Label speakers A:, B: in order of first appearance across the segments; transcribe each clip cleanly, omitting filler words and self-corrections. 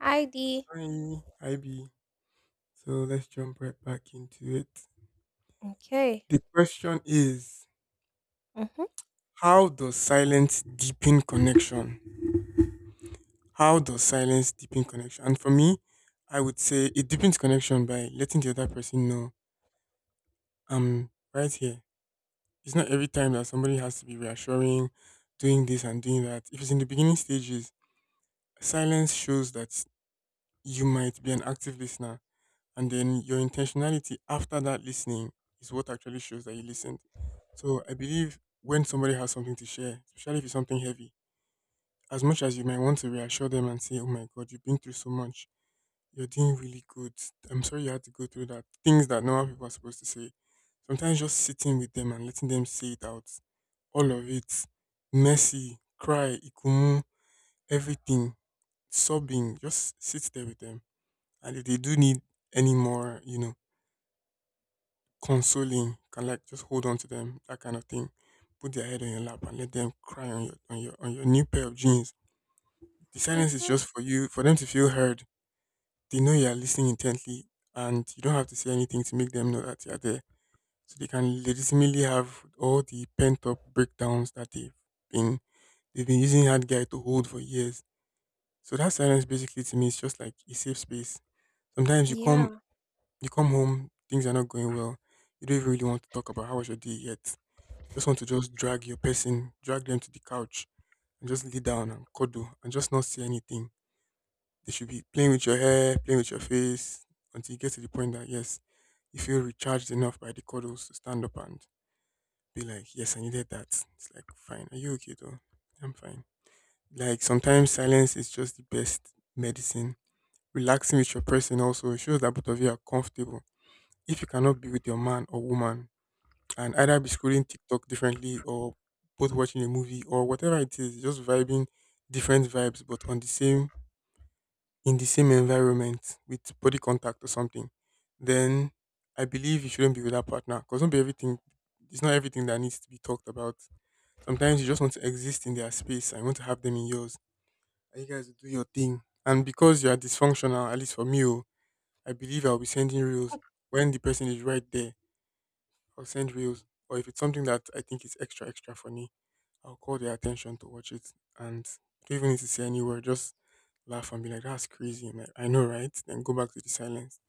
A: ID.
B: Hi, Ivy. So let's jump right back into it.
A: Okay.
B: The question is,
A: Mhm.
B: how does silence deepen connection? How does silence deepen connection? And for me, I would say it deepens connection by letting the other person know I'm right here. It's not every time that somebody has to be reassuring, doing this and doing that. If it's in the beginning stages, silence shows that you might be an active listener, and then your intentionality after that listening is what actually shows that you listened. So I believe when somebody has something to share, especially if it's something heavy, as much as you might want to reassure them and say, "Oh my God, you've been through so much. You're doing really good. I'm sorry you had to go through that." Things that normal people are supposed to say. Sometimes just sitting with them and letting them say it out, all of it, messy, cry, ikumu, everything, sobbing, just sit there with them. And if they do need any more, you know, consoling, can like just hold on to them, that kind of thing. Put their head on your lap and let them cry on your on your on your new pair of jeans. The silence is
A: Mhm.
B: just for you, for them to feel heard. They know you are listening intently, and you don't have to say anything to make them know that you are there. So they can legitimately have all the pent up breakdowns that been they've been using that guy to hold for years. So that silence basically to me is just like a safe space. Sometimes you come
A: Yeah.
B: you come home, things are not going well. You don't even really want to talk about how was your day yet. Just want to just drag your person, drag them to the couch and just lay down and cuddle and just not say anything. They should be playing with your hair, playing with your face until you get to the point that yes, you feel recharged enough by the cuddles to stand up and be like, "Yes, I needed that." It's like fine. "Are you okay though?" "I'm fine." Like sometimes silence is just the best medicine. Relaxing with your person also shows that both of you are comfortable. If you cannot be with your man or woman, and either be scrolling TikTok differently or both watching a movie or whatever it is, just vibing different vibes but on the same, in the same environment with body contact or something, then I believe you shouldn't be with that partner because not be everything it's not everything that needs to be talked about. Sometimes you just want to exist in their space and you want to have them in yours. And you guys will do your thing. And because you are dysfunctional, at least for me, oh, I believe I'll be sending reels when the person is right there. I'll send reels. Or if it's something that I think is extra extra funny, I'll call their attention to watch it and don't even need to say any word, just laugh and be like, "That's crazy." I'm like, "I know, right?" Then go back to the silence.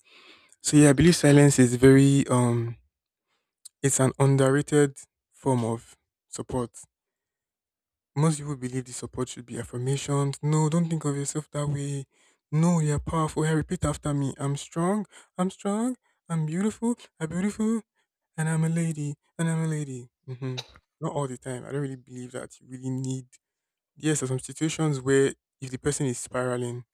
B: So yeah, I believe silence is very it's an underrated form of support. Most people believe the support should be affirmations. "No, don't think of yourself that way. No, you're powerful. Hey, repeat after me. I'm strong." "I'm strong." "I'm beautiful." "I'm beautiful." "And I'm a lady." "And I'm a lady." Not all the time. I don't really believe that you really need. Yes, there's some situations where if the person is spiraling,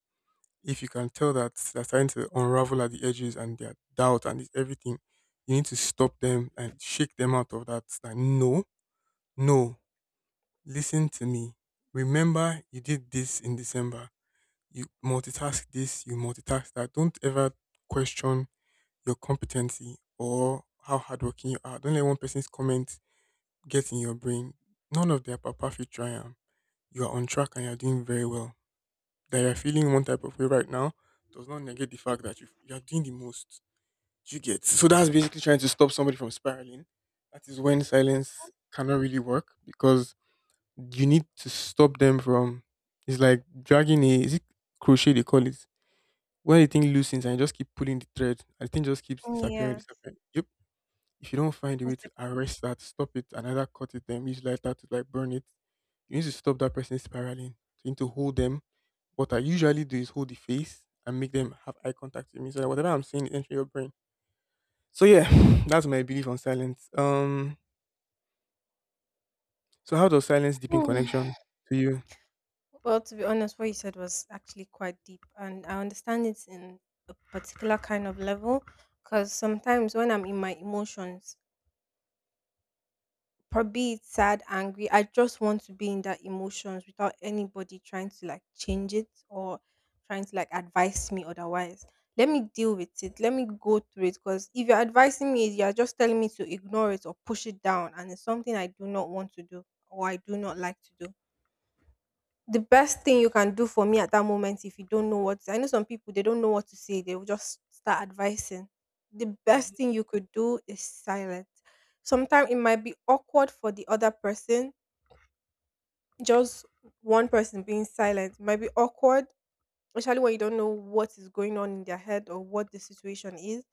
B: if you can tell that they're starting to unravel at the edges and their doubt and this everything, you need to stop them and shake them out of that. Like, no, no, listen to me. Remember, you did this in December. You multitask this, you multitask that. Don't ever question your competency or how hardworking you are. Don't let one person's comment get in your brain, none of their papa fit try am. You are on track and you're doing very well. That you're feeling one type of way right now does not negate the fact that you are doing the most. Do you get? So that's basically trying to stop somebody from spiraling. That is when silence cannot really work because you need to stop them from. It's like dragging a, is it crochet they call it, when the thing loosens and you just keep pulling the thread and the thing just keeps disappearing,
A: Yeah.
B: disappearing. Yep. If you don't find a way
A: It's a-
B: to arrest that, stop it, and either cut it, then use lighter to like burn it, you need to stop that person spiraling. So you need to hold them. What I usually do is hold the face and make them have eye contact with me so that whatever I'm saying is entering your brain. So yeah, that's my belief on silence. So how does silence deepen
A: Hmm.
B: connection to you?
A: Well, to be honest, what you said was actually quite deep, and I understand it in a particular kind of level. Because sometimes when I'm in my emotions, probably it's sad, angry. I just want to be in that emotions without anybody trying to like change it or trying to like advise me otherwise. Let me deal with it. Let me go through it. Because if you're advising me, you're just telling me to ignore it or push it down. And it's something I do not want to do or I do not like to do. The best thing you can do for me at that moment, if you don't know what, I know some people, they don't know what to say, they will just start advising. The best
B: Hmm.
A: thing you could do is silent. Sometimes it might be awkward for the other person, just one person being silent might be awkward, especially when you don't know what is going on in their head or what the situation is.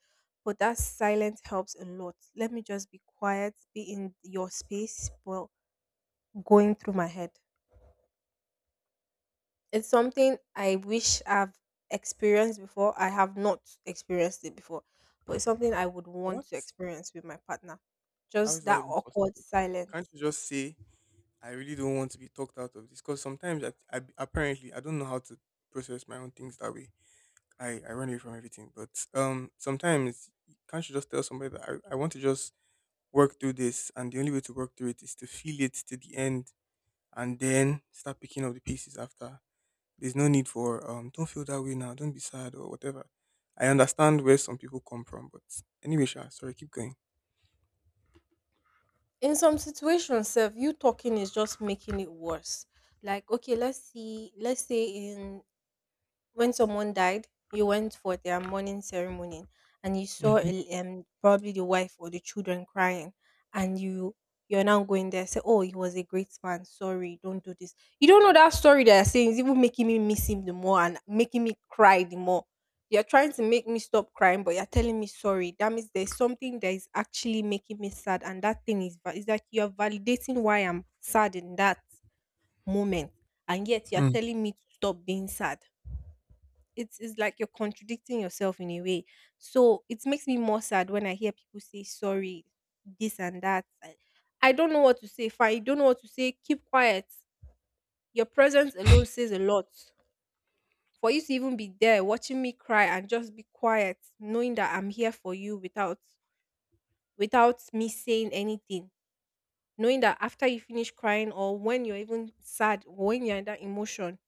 A: But that silence helps a lot. Let me just be quiet, be in your space, well, going through my head. It's something I wish I've experienced before. I have not experienced it before, but it's something I would want
B: What?
A: to experience with my partner.
B: How is
A: Just
B: that
A: that
B: even
A: awkward
B: possible? Can't
A: silence.
B: you just say, "I really don't want to be talked out of this because sometimes I apparently I don't know how to process my own things that way. I run away from everything." But sometimes can't you just tell somebody that I want to just work through this, and the only way to work through it is to feel it to the end and then start picking up the pieces after. There's no need for don't feel that way now, don't be sad or whatever. I understand where some people come from, but anyway, Sha, sorry, keep going.
A: In some situations, self, you talking is just making it worse. Like, okay, let's see, let's say in when someone died, you went for their mourning ceremony and you saw
B: Mm-hmm.
A: probably the wife or the children crying. And you're now going there, say, "Oh, he was a great man, sorry, don't do this." You don't know, that story they're saying is even making me miss him the more, and making me cry the more. You're trying to make me stop crying, but you're telling me sorry. That means there's something that is actually making me sad, and that thing is, is like you're validating why I'm sad in that moment. And yet you're telling me to stop being sad. It's like you're contradicting yourself in a way. So it makes me more sad when I hear people say sorry, this and that. I don't know what to say. Fine, you don't know what to say. Keep quiet. Your presence alone says a lot. For you to even be there watching me cry and just be quiet, knowing that I'm here for you without me saying anything. Knowing that after you finish crying or when you're even sad, when you're in that emotion,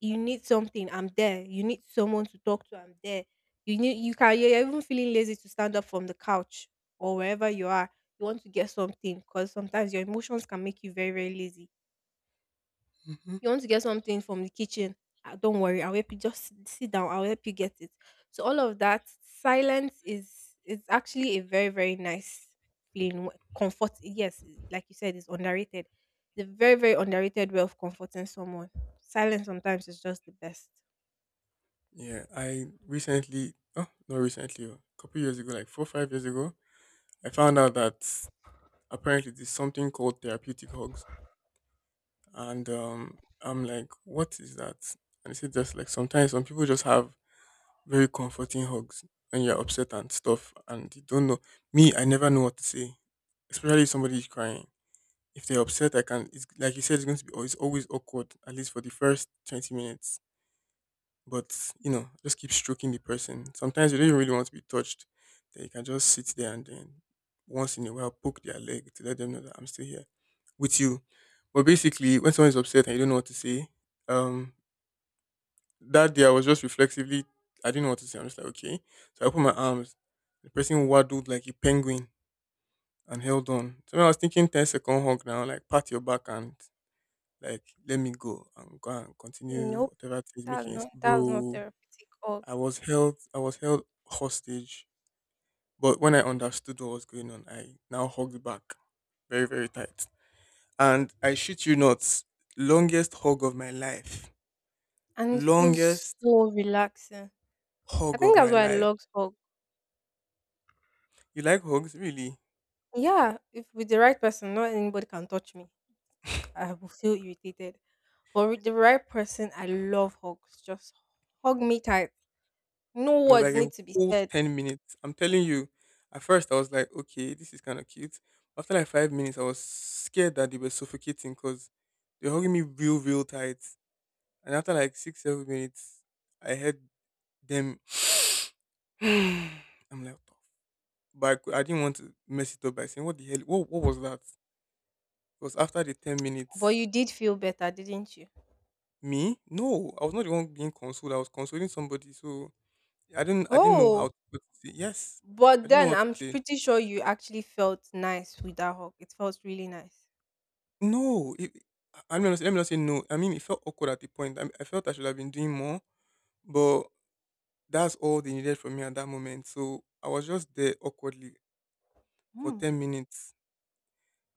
A: you need something, I'm there. You need someone to talk to, I'm there. You need you can you're even feeling lazy to stand up from the couch or wherever you are. You want to get something because sometimes your emotions can make you very, very lazy.
B: Mm-hmm.
A: You want to get something from the kitchen. "Ah, don't worry, I'll help you. Just sit down. I'll help you get it." So all of that silence is actually a very, very nice feeling. Comfort, yes, like you said, is underrated. It's a very, very underrated way of comforting someone. Silence sometimes is just the best.
B: Yeah, I recently, oh, not recently oh, a couple years ago, like 4 or 5 years ago, I found out that apparently there's something called therapeutic hugs. And I'm like, what is that? And it's just like sometimes some people just have very comforting hugs, and you're upset and stuff and you don't know. Me, I never know what to say, especially if somebody is crying. If they're upset, I can it's like you said, it's going to be, it's always awkward, at least for the first 20 minutes. But you know, just keep stroking the person. Sometimes you don't even really want to be touched, then you can just sit there and then once in a while poke their leg to let them know that I'm still here with you. But basically when someone is upset and you don't know what to say, um that day I was just reflexively, I didn't know what to say. I'm just like, okay. So I put my arms. The person waddled like a penguin and held on. So when I was thinking 10 second hug now, like pat your back and like let me go and go and continue
A: Nope,
B: whatever thing is
A: that's
B: making it.
A: not that's not
B: Bro,
A: therapeutic org,
B: I was held hostage. But when I understood what was going on, I now hugged back very, very tight. And I shit you not, longest hug of my life.
A: and it feels
B: Longest
A: so relaxing. I
B: hug of
A: think that's
B: my
A: why I
B: life.
A: love org.
B: You like hugs, really?
A: Yeah, if with the right person, not anybody can touch me. I will feel irritated, but with the right person, I love hugs. Just hug me tight. No
B: It was like
A: words
B: a
A: need to be
B: whole
A: said,
B: 10 minutes. I'm telling you, at first I was like, okay, this is kind of cute. After like 5 minutes, I was scared that they were suffocating because they were hugging me real, real tight. And after like 6, 7 minutes, I heard them. I'm like, "What the f-" but I, I didn't want to mess it up by saying, what the hell? What was that? It was after the 10
A: but
B: minutes.
A: you did feel better, didn't you?
B: Me? No, I was not the one being consoled. I was consoling somebody. So I didn't know
A: Oh,
B: how to what to say. Yes, I
A: but
B: didn't know
A: then
B: what to
A: I'm
B: say.
A: pretty sure you actually felt nice with that hug. It felt really nice.
B: No, it- I mean, let me not say no. I mean, it felt awkward at the point. I felt I should have been doing more, but that's all they needed from me at that moment. So I was just there awkwardly for
A: Hmm.
B: 10 minutes,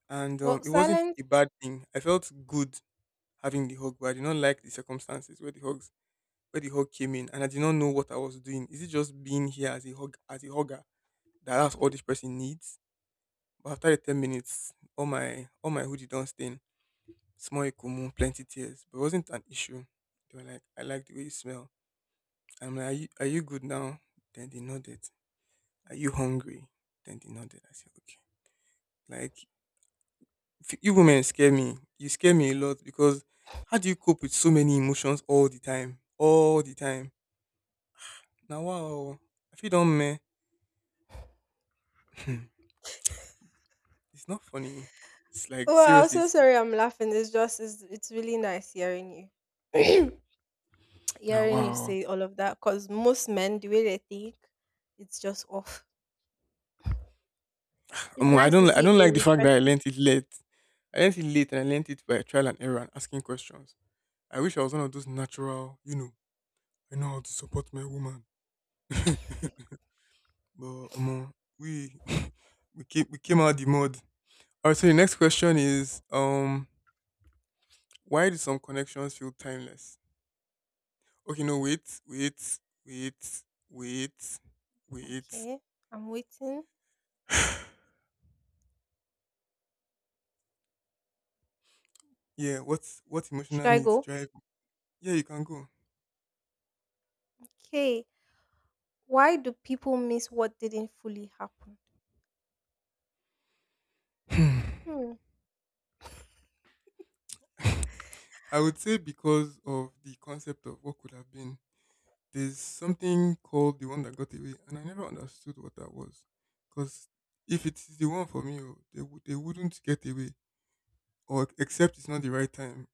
B: and
A: Well,
B: it wasn't
A: silence.
B: a bad thing. I felt good having the hug, but I did not like the circumstances where the hugs where the hug came in, and I did not know what I was doing. Is it just being here as a hug, as a hugger, that that's all this person needs? But after the 10 minutes, all my hoodie don't stay. Small Ikumu, plenty tears, but it wasn't an issue. They were like, "I like the way you smell." I'm like, "Are you, are you good now?" Then they nodded. "Are you hungry?" Then they nodded. I said, okay. Like, f- you women scare me. You scare me a lot because how do you cope with so many emotions all the time? All the time. Now, wow. If you don't, meh, it's not funny. It's like,
A: Well, I'm
B: seriously,
A: so
B: it's,
A: sorry I'm laughing. It's just it's really nice hearing you.
B: now,
A: Hearing you
B: wow.
A: say all of that because most men, the way they think, it's just off. It's nice to
B: I
A: see
B: don't
A: a
B: like the fact that I
A: refreshing.
B: learned it late. I learned it late and I learned it by trial and error and asking questions. I wish I was one of those natural, you know, I know how to support my woman. but we we came out the mud. Alright, so the next question is why do some connections feel timeless? Okay, no, wait, wait, wait, wait, wait.
A: Okay, I'm waiting.
B: yeah, what
A: Should
B: emotional
A: I
B: needs
A: go?
B: drive? Yeah, you can go.
A: Okay. Why do people miss what didn't fully happen?
B: Hmm.
A: Hmm.
B: I would say because of the concept of what could have been. There's something called the one that got away, and I never understood what that was. Because if it is the one for me, they wouldn't get away, or except it's not the right time,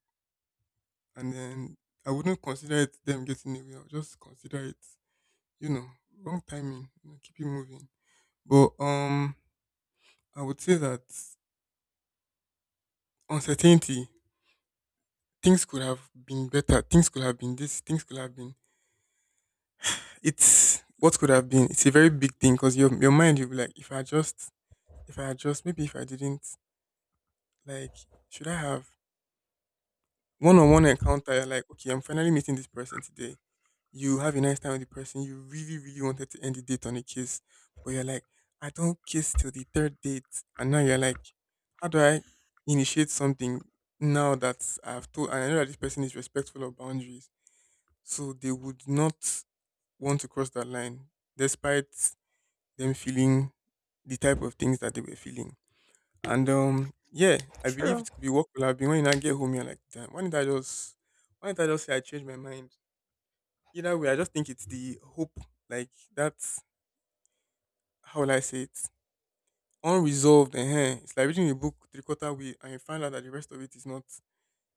B: and then I wouldn't consider it them getting away. I'll just consider it, you know, wrong timing. You know, keep it moving. But I would say that uncertainty, things could have been better. Things could have been this. Things could have been. It's what could have been. It's a very big thing because your mind you'll be like, if I just if I had just maybe if I didn't like should I have one on one encounter you're like, okay, I'm finally meeting this person today. You have a nice time with the person, you really, really wanted to end the date on a kiss, but you're like, I don't kiss till the third date. And now you're like, how do I initiate something now that I've told and I know that this person is respectful of boundaries. So they would not want to cross that line despite them feeling the type of things that they were feeling. And yeah, I believe
A: True.
B: it could be what could have been when I get home. You're like, damn, why did I just say I changed my mind? Either way, I just think it's the hope. Like that's how will I say it? Unresolved. It's like reading a book three quarter way, and you find out that the rest of it is not,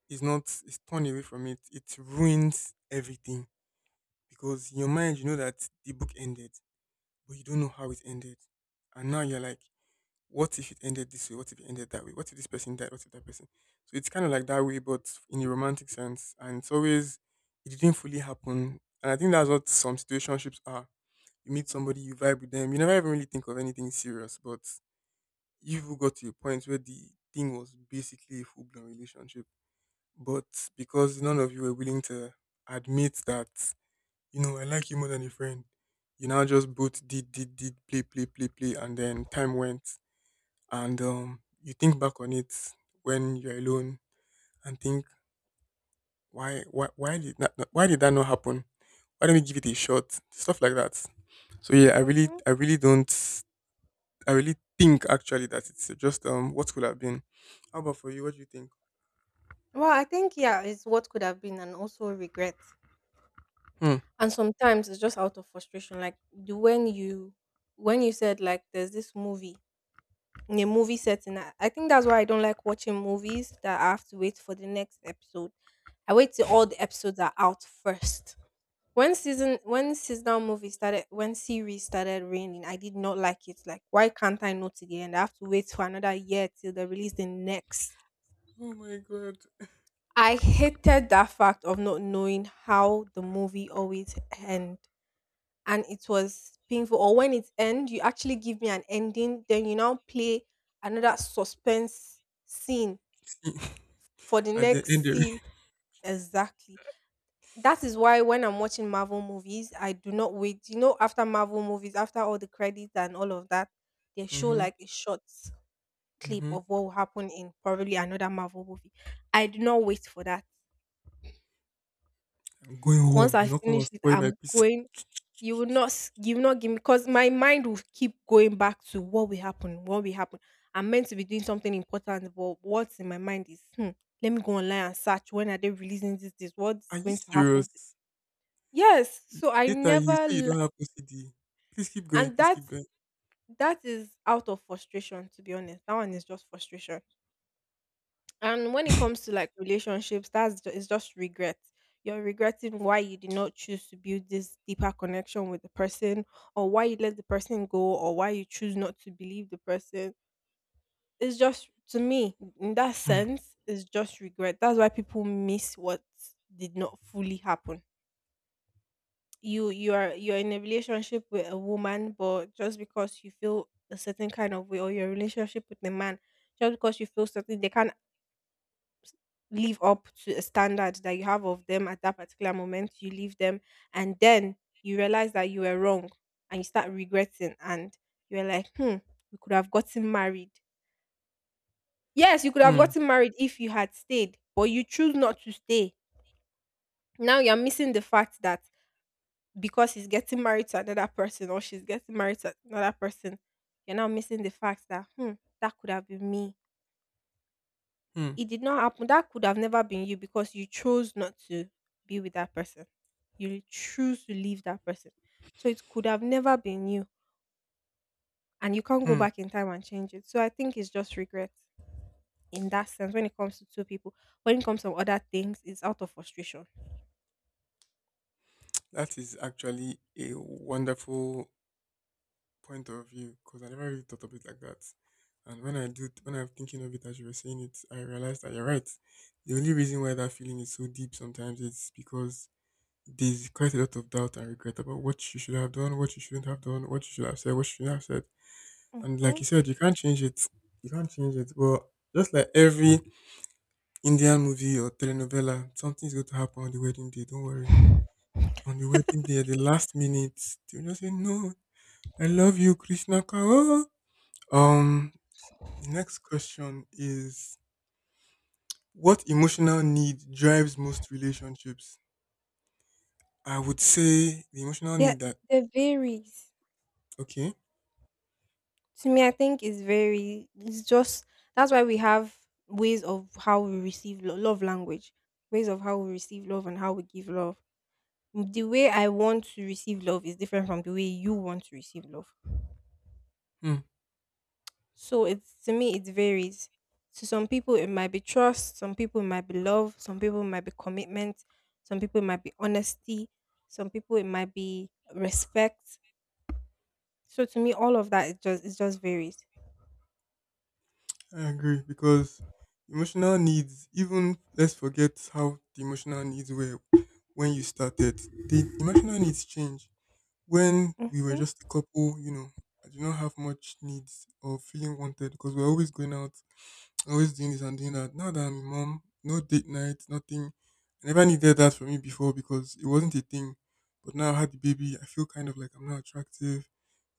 B: is torn away from it. It ruins everything because in your mind you know that the book ended, but you don't know how it ended, and now you're like what if it ended this way? What if it ended that way? What if this person died? What if that person? So it's kind of like that way, but in a romantic sense. And it's always, it didn't fully happen. And I think that's what some situationships are. You meet somebody, you vibe with them, you never even really think of anything serious, but you've got to a point where the thing was basically a full blown relationship. But because none of you were willing to admit that, you know, I like you more than a friend, you now just both did, play, play, play, play, and then time went and you think back on it when you're alone and think why did that not happen? Why don't we give it a shot? Stuff like that. So yeah,
A: Mm-hmm.
B: I really don't I really think actually that it's just what could have been. How about for you? What do you think?
A: Well, I think, yeah, it's what could have been and also regret.
B: Hmm.
A: And sometimes it's just out of frustration. Like, the when you said, like, there's this movie, in a movie setting. I think that's why I don't like watching movies that I have to wait for the next episode. I wait till all the episodes are out first. When season when seasonal movie started when series started raining, I did not like it. Like, why can't I know till the end? I have to wait for another year till they release the next.
B: Oh my god!
A: I hated that fact of not knowing how the movie always end. And it was painful. Or when it end, you actually give me an ending, then you now play another suspense scene for the
B: At the end
A: next
B: of
A: series. Exactly. That is why when I'm watching Marvel movies, I do not wait. After Marvel movies, after all the credits and all of that, they show
B: mm-hmm,
A: like a short clip
B: mm-hmm.
A: of what will happen in probably another Marvel movie. I do not wait for that.
B: I'm going
A: Once
B: home.
A: I
B: You're not gonna
A: finish it,
B: spoil my
A: I'm
B: peace.
A: going. You will not give me, because my mind will keep going back to what will happen. What will happen. I'm meant to be doing something important, but what's in my mind is, let me go online and search. When are they releasing this? This
B: Are
A: what's
B: you
A: going to happen?
B: serious?
A: Yes, so I
B: Later you
A: never
B: say you
A: l
B: don't have OCD. Please keep going.
A: and
B: Please
A: that
B: keep going.
A: that is out of frustration, to be honest. That one is just frustration. And when it comes to, like, relationships, that's ju it's just regret. You're regretting why you did not choose to build this deeper connection with the person, or why you let the person go, or why you choose not to believe the person. It's just to me, in that
B: Hmm.
A: sense, it's just regret. That's why people miss what did not fully happen. You're in a relationship with a woman, but just because you feel a certain kind of way, or your relationship with a man, just because you feel certain they can't live up to a standard that you have of them at that particular moment, you leave them. And then you realize that you were wrong, and you start regretting, and you're like, hmm, we could have gotten married. Yes, you could have
B: Hmm.
A: gotten married if you had stayed, but you choose not to stay. Now you're missing the fact that, because he's getting married to another person or she's getting married to another person, you're now missing the fact that, hmm, that could have been me.
B: Hmm.
A: It did not happen. That could have never been you because you chose not to be with that person. You choose to leave that person. So it could have never been you. And you can't go
B: Hmm.
A: back in time and change it. So I think it's just regret in that sense when it comes to two people. When it comes to other things, it's out of frustration.
B: That is actually a wonderful point of view because I never really thought of it like that. And when I do, when I'm thinking of it as you were saying it, I realized that you're right. The only reason why that feeling is so deep sometimes is because there's quite a lot of doubt and regret about what you should have done, what you shouldn't have done, what you should have said, what you shouldn't have said. And like
A: Mm-hmm.
B: you said, you can't change it. You can't change it. But just like every Indian movie or telenovela, something's going to happen on the wedding day. Don't worry on the wedding day at the last minute, they will just say, no, I love you, Krishna Kaur. Um, the next question is what emotional need drives most relationships? I would say the emotional
A: Yeah,
B: need that
A: there varies.
B: okay.
A: To me, I think it's very it's just that's why we have ways of how we receive love language, ways of how we receive love and how we give love. The way I want to receive love is different from the way you want to receive love.
B: Hmm,
A: So it's, to me, it varies. To some people it might be trust, some people it might be love, some people it might be commitment, some people it might be honesty, some people it might be respect. So, to me, all of that, it just varies.
B: I agree because emotional needs, even let's forget how the emotional needs were when you started. The emotional needs change. When we were
A: Mhm.
B: just a couple, you know, I did not have much needs or feeling wanted because we're always going out always doing this and doing that. Now that I'm a mom, no date night, nothing. I never needed that from me before because it wasn't a thing. But now I had the baby, I feel kind of like I'm not attractive.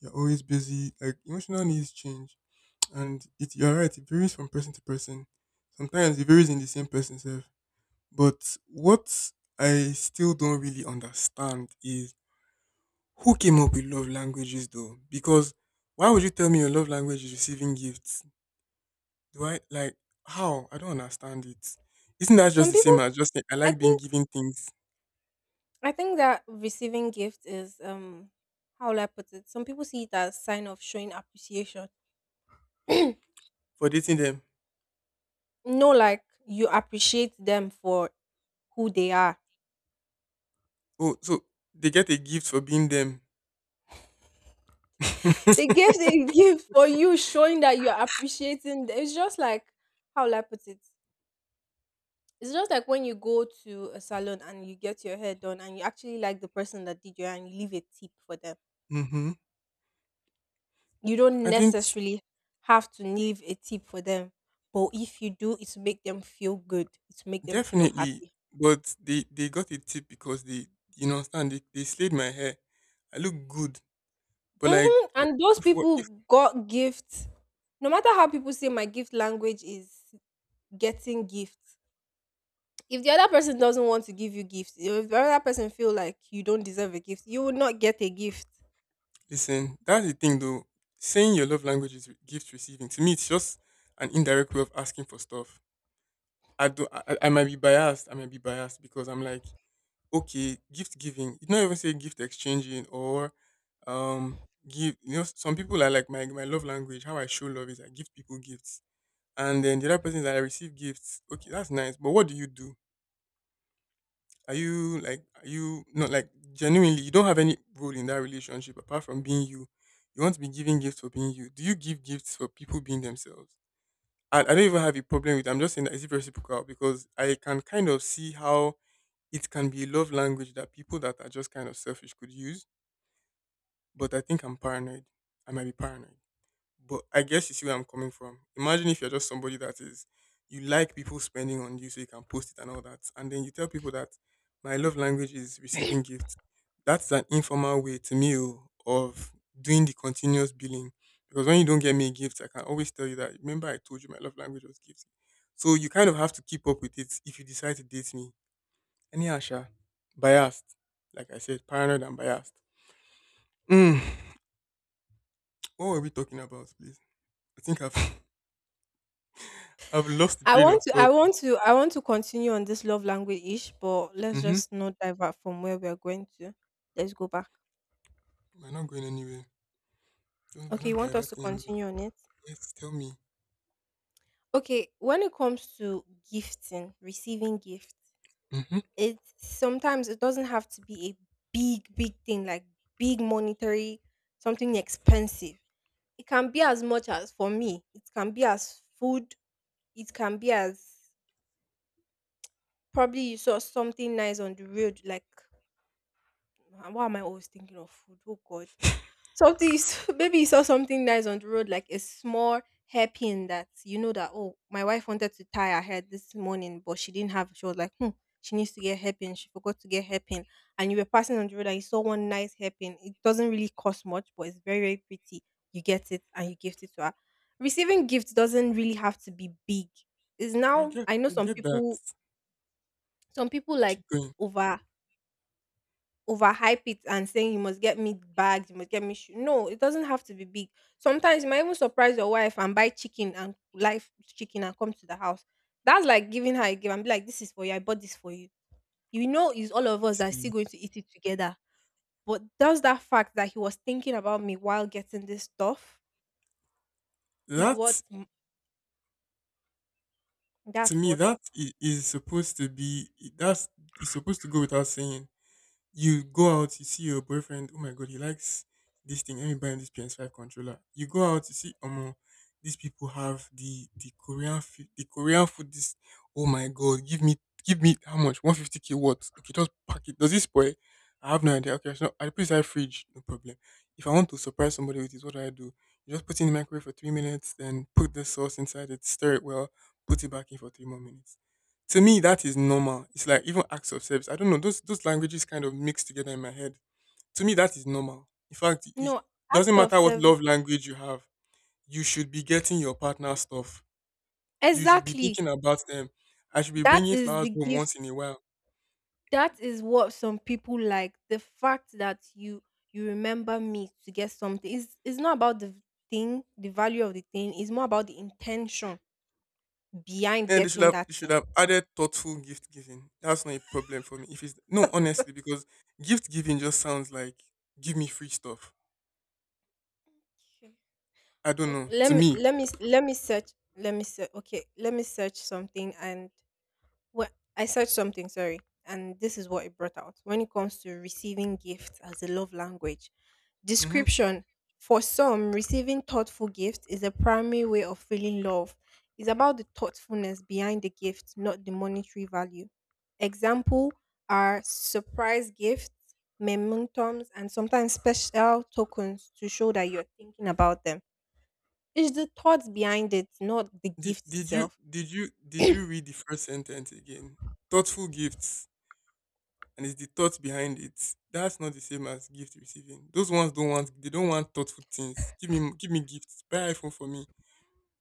B: You're always busy. Like emotional needs change, and it you're right. It varies from person to person. Sometimes it varies in the same person self. But what I still don't really understand is who came up with love languages though? Because why would you tell me your love language is receiving gifts? Do I like how? I don't understand it. Isn't that just
A: some
B: the
A: people
B: same as just saying I
A: I
B: like being
A: think
B: given things
A: I think that receiving gifts is how will I put it? Some people see it as sign of showing appreciation. No,
B: for dating them?
A: like, you appreciate them for who they are.
B: Oh, so they get a gift for being them.
A: The gift they give for you, showing that you're appreciating. It's just like, how will I put it? It's just like when you go to a salon and you get your hair done and you actually like the person that did your hair and you leave a tip for them.
B: Hmm.
A: You don't
B: I think
A: necessarily have to leave a tip for them, but if you do, it's make them feel good. It's make them feel
B: definitely,
A: happy.
B: but they got a tip because they you know understand they slayed my hair. I look good, but like
A: Hmm.
B: wh-
A: And those
B: if what
A: people
B: if
A: got gifts. No matter how people say my gift language is getting gifts. If the other person doesn't want to give you gifts, if the other person feel like you don't deserve a gift, you will not get a gift.
B: listen, that's the thing though. Saying your love language is gift receiving to me, it's just an indirect way of asking for stuff. I do. I might be biased. I might be biased because I'm like okay, gift giving. It's not even say gift exchanging or um give you know some people are like my love language, how I show love is I give people gifts. And then the other person is that I receive gifts. Okay, that's nice. But what do you do? Are you like are you not like genuinely you don't have any role in that relationship apart from being you. You want to be giving gifts for being you. Do you give gifts for people being themselves? I don't even have a problem with I'm just saying that it's reciprocal because I can kind of see how it can be a love language that people that are just kind of selfish could use. But I think I'm paranoid. I might be paranoid. But I guess you see where I'm coming from. Imagine if you're just somebody that is, you like people spending on you so you can post it and all that. And then you tell people that my love language is receiving gifts. That's an informal way to me oh, of doing the continuous billing. Because when you don't get me a gift, I can always tell you that, remember I told you my love language was gifts. So you kind of have to keep up with it if you decide to date me any Asha, biased. Like I said, paranoid and biased. Mm, what were we talking about, please? I think I've I've lost the
A: I
B: train of
A: want to, I
B: thought.
A: want to, I want to continue on this love language ish, but let's
B: Mm-hmm.
A: just not divert from where we are going to. Let's go back.
B: We're not going anywhere. Don't- We're
A: Okay,
B: not
A: you want us to
B: diverting anywhere.
A: continue on it?
B: Yes, tell me.
A: Okay, when it comes to gifting, receiving gifts,
B: Mm-hmm.
A: it sometimes it doesn't have to be a big, big thing, like big monetary, something expensive. It can be as much as, for me, it can be as food. It can be as, probably you saw something nice on the road. Like, why am I always thinking of food? Oh God! Maybe you saw something nice on the road, like a small hairpin, that you know that, oh, my wife wanted to tie her hair this morning, but she didn't have. She was like, hmm, she needs to get hairpin. She forgot to get hairpin, and you were passing on the road and you saw one nice hairpin. It doesn't really cost much, but it's very, very pretty. You get it and you gift it to her. Receiving gifts doesn't really have to be big. Is now I know
B: I
A: some
B: get that.
A: people, some people like
B: Keep going.
A: over overhype it and saying you must get me bags, you must get me shoe. No, it doesn't have to be big. Sometimes you might even surprise your wife and buy chicken, and live chicken, and come to the house. That's like giving her a gift and be like, "This is for you, I bought this for you." You know, it's all of us that are
B: See
A: still going to eat it together. But does that, fact that he was thinking about me while getting this stuff, is what,
B: that to
A: that's
B: me
A: what.
B: is supposed to be that's is supposed to go without saying you go out, you see your boyfriend, oh my god, he likes this thing. Let me buy him this PS5 controller. You go out, you see these people have the Korean food the Korean food this oh my god, give me how much? 150k what? Okay, just pack it. Does this spoil? I have no idea. Okay, so I put it inside fridge, no problem. If I want to surprise somebody with this, what do I do? You just put it in the microwave for 3 minutes, then put the sauce inside it, stir it well, put it back in for 3 more minutes. To me, that is normal. It's like even acts of service. I don't know. Those languages kind of mix together in my head. To me, that is normal. In fact, it
A: No,
B: doesn't
A: act of
B: matter what
A: service.
B: love language you have. You should be getting your partner stuff. You should be
A: Exactly.
B: thinking about them. I should be
A: That
B: bringing
A: is
B: flowers
A: the
B: home
A: gift.
B: once in a while.
A: That is what some people like. The fact that you remember me to get something, is it's not about the thing, the value of the thing. It's more about the intention behind
B: And
A: getting
B: they
A: that
B: should
A: thing.
B: have added thoughtful gift giving. That's not a problem for me. If it's no, honestly, because gift giving just sounds like give me free stuff.
A: Sure.
B: I don't know.
A: Okay, let
B: To
A: me
B: me.
A: let me let me search. Let me search. Okay, let me search something and, well, I searched something, sorry, and this is what it brought out. When it comes to receiving gifts as a love language,
B: Mhm.
A: description, for some, receiving thoughtful gifts is a primary way of feeling love. It's about the thoughtfulness behind the gift, not the monetary value. Example are surprise gifts, mementos, and sometimes special tokens to show that you're thinking about them. It's the thoughts behind it, not the
B: Did
A: gift
B: did you
A: itself.
B: did you did you read the first sentence again? Thoughtful gifts, and it's the thought behind it. That's not the same as gift receiving. Those ones don't want thoughtful things. Give me gifts. Buy iPhone for me.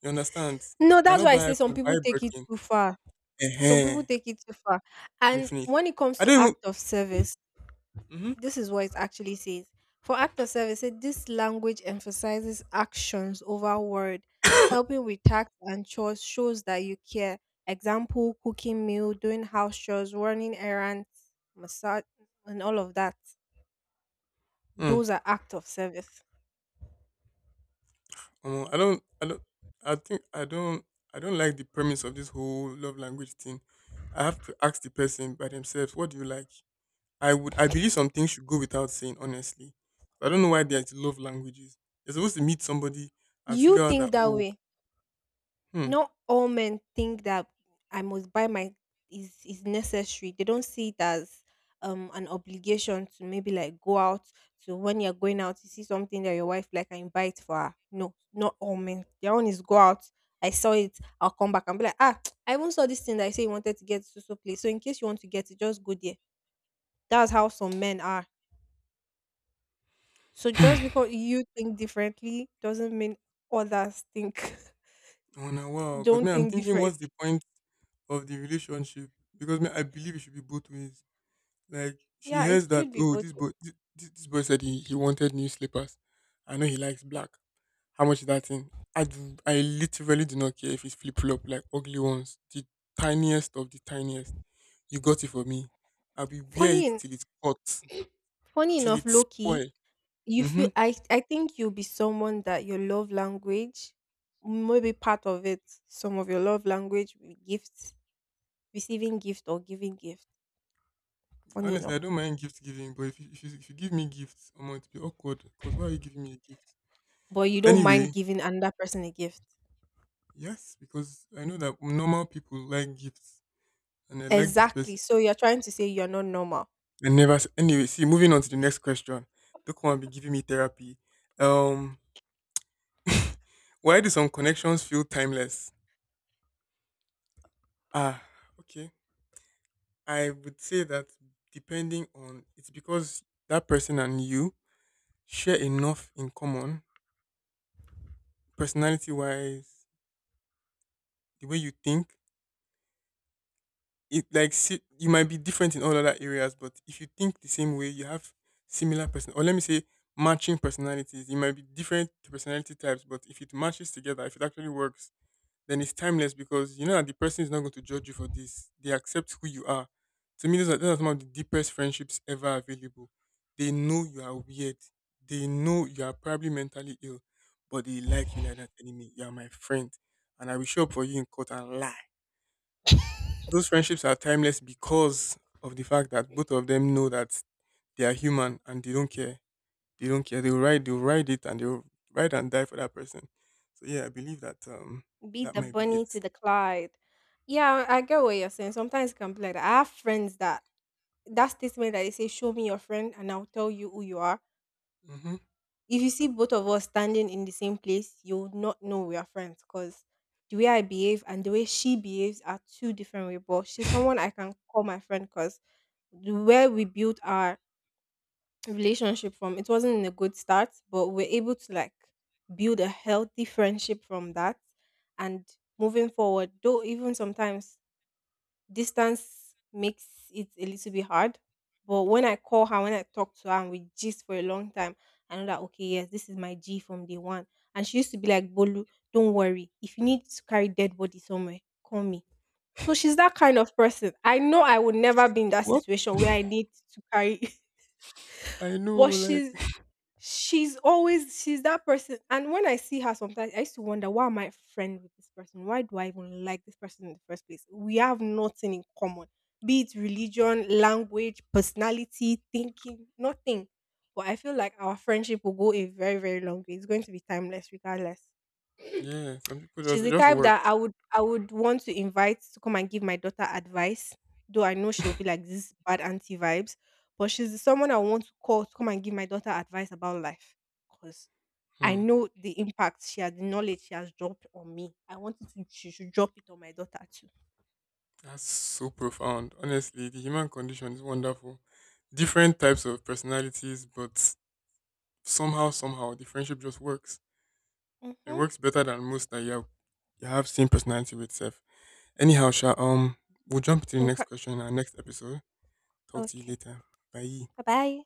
B: You understand? If you
A: No, that's
B: cannot
A: why I
B: buy
A: say some
B: iPhone, buy
A: people take it
B: Birkin.
A: too far. Some
B: Eh
A: people take it too far. And
B: definitely.
A: when it comes
B: I
A: to
B: don't even.
A: act of service,
B: Mm-hmm.
A: this is what it actually says. For act of service, this language emphasizes actions over word. Helping with tasks and chores shows that you care. Example, cooking meal, doing house chores, running errands, massage, and all of that.
B: Mm,
A: Those are act of service.
B: Omo, I don't. I think I don't. I don't like the premise of this whole love language thing. I have to ask the person by themselves, what do you like? I believe some things should go without saying, honestly. I don't know why
A: Mm.
B: there's love languages. You're supposed to meet somebody and
A: You
B: figure out
A: think
B: that
A: that way.
B: hmm,
A: Not all men think that I must buy my, is necessary. They don't see it as an obligation to maybe like go out. So when you're going out, you see something that your wife like and you buy it for her. No, not all men. Their own is go out. I saw it. I'll come back and be like, ah, I even saw this thing that I say you wanted to get so so place. So in case you want to get it, just go there. That's how some men are. So just because you think differently doesn't mean others think
B: oh now wow. Because me,
A: don't
B: I'm
A: think
B: thinking, what's the
A: differently.
B: point of the relationship? Because me, I believe it should be both ways. Like she
A: Yeah, it
B: hears that,
A: should be
B: oh,
A: both.
B: this boy said he wanted new slippers. I know he likes black. How much is that thing? I literally do not care if it's flip flop, like ugly ones, the tiniest of the tiniest. You got it for me. I will wear
A: Funny,
B: it
A: en-
B: till it's hot,
A: funny
B: till
A: enough,
B: it's
A: Loki,
B: spoil.
A: you feel,
B: Hmm.
A: I think you'll be someone that your love language, maybe part of it, some of your love language will be gifts, receiving gift or giving gift. Funny
B: Honestly, I
A: enough,
B: don't mind gift giving, but if you give me gifts, I'm going to be awkward because why are you giving me a gift?
A: but you don't
B: Anyway,
A: mind giving another person a gift.
B: yes, because I know that normal people like gifts and I like this
A: Exactly.
B: person.
A: So you're trying to say you're not normal.
B: I never, s- Anyway, see, moving on to the next question. Don't want to be giving me therapy. Um, why do some connections feel timeless? Ah, okay. I would say that depending on it's because that person and you share enough in common, personality wise, the way you think. You might be different in all other areas, but if you think the same way, you have similar person or let me say matching personalities. You might be different personality types, but if it matches together, if it actually works, then it's timeless, because you know that the person is not going to judge you for this. They accept who you are. To me, those are some of the deepest friendships ever available. They know you are weird, they know you are probably mentally ill, but they like you. Like that, enemy, you are my friend, and I will show up for you in court and lie. Those friendships are timeless because of the fact that both of them know that they are human and they don't care. They don't care. They'll ride it, and they'll ride and die for that person. So yeah, I believe that
A: Be
B: that
A: the
B: might be it.
A: bunny to the Clyde. Yeah, I get what you're saying. Sometimes it can be like that. I have friends that, that statement that they say, "Show me your friend, and I'll tell you who you are."
B: Hmm.
A: If you see both of us standing in the same place, you'll not know we are friends because the way I behave and the way she behaves are two different ways. But she's someone I can call my friend because where we built our relationship from, it wasn't in a good start, but we're able to like build a healthy friendship from that. And moving forward, though, even sometimes distance makes it a little bit hard. But when I call her, when I talk to her and we gist for a long time, I know that, okay, yes, this is my G from day one. And she used to be like, "Bolu, don't worry. If you need to carry dead body somewhere, call me." So she's that kind of person. I know I would never be in that
B: What
A: situation where I need to carry,
B: I know,
A: but
B: like,
A: she's always, she's that person, and when I see her sometimes, I used to wonder, why am I friend with this person? Why do I even like this person in the first place? We have nothing in common, be it religion, language, personality, thinking, nothing. But I feel like our friendship will go a very, very long way. It's going to be timeless regardless.
B: yeah, some people just,
A: She's
B: it
A: the
B: just
A: type that
B: works.
A: I would want to invite to come and give my daughter advice, though I know she will be like this bad auntie vibes. But she's someone I want to call to come and give my daughter advice about life. I
B: Hmm.
A: know the impact she had, the knowledge she has dropped on me. I wanted to, she should drop it on my daughter too.
B: That's so profound. Honestly, the human condition is wonderful. Different types of personalities, but somehow, somehow, the friendship just works. It
A: Mm-hmm.
B: works better than most, that you have same personality with self. Anyhow, Sha, we'll jump into the next
A: Okay.
B: question in our next episode. Talk to you
A: Okay.
B: later. Bye.
A: Bye bye.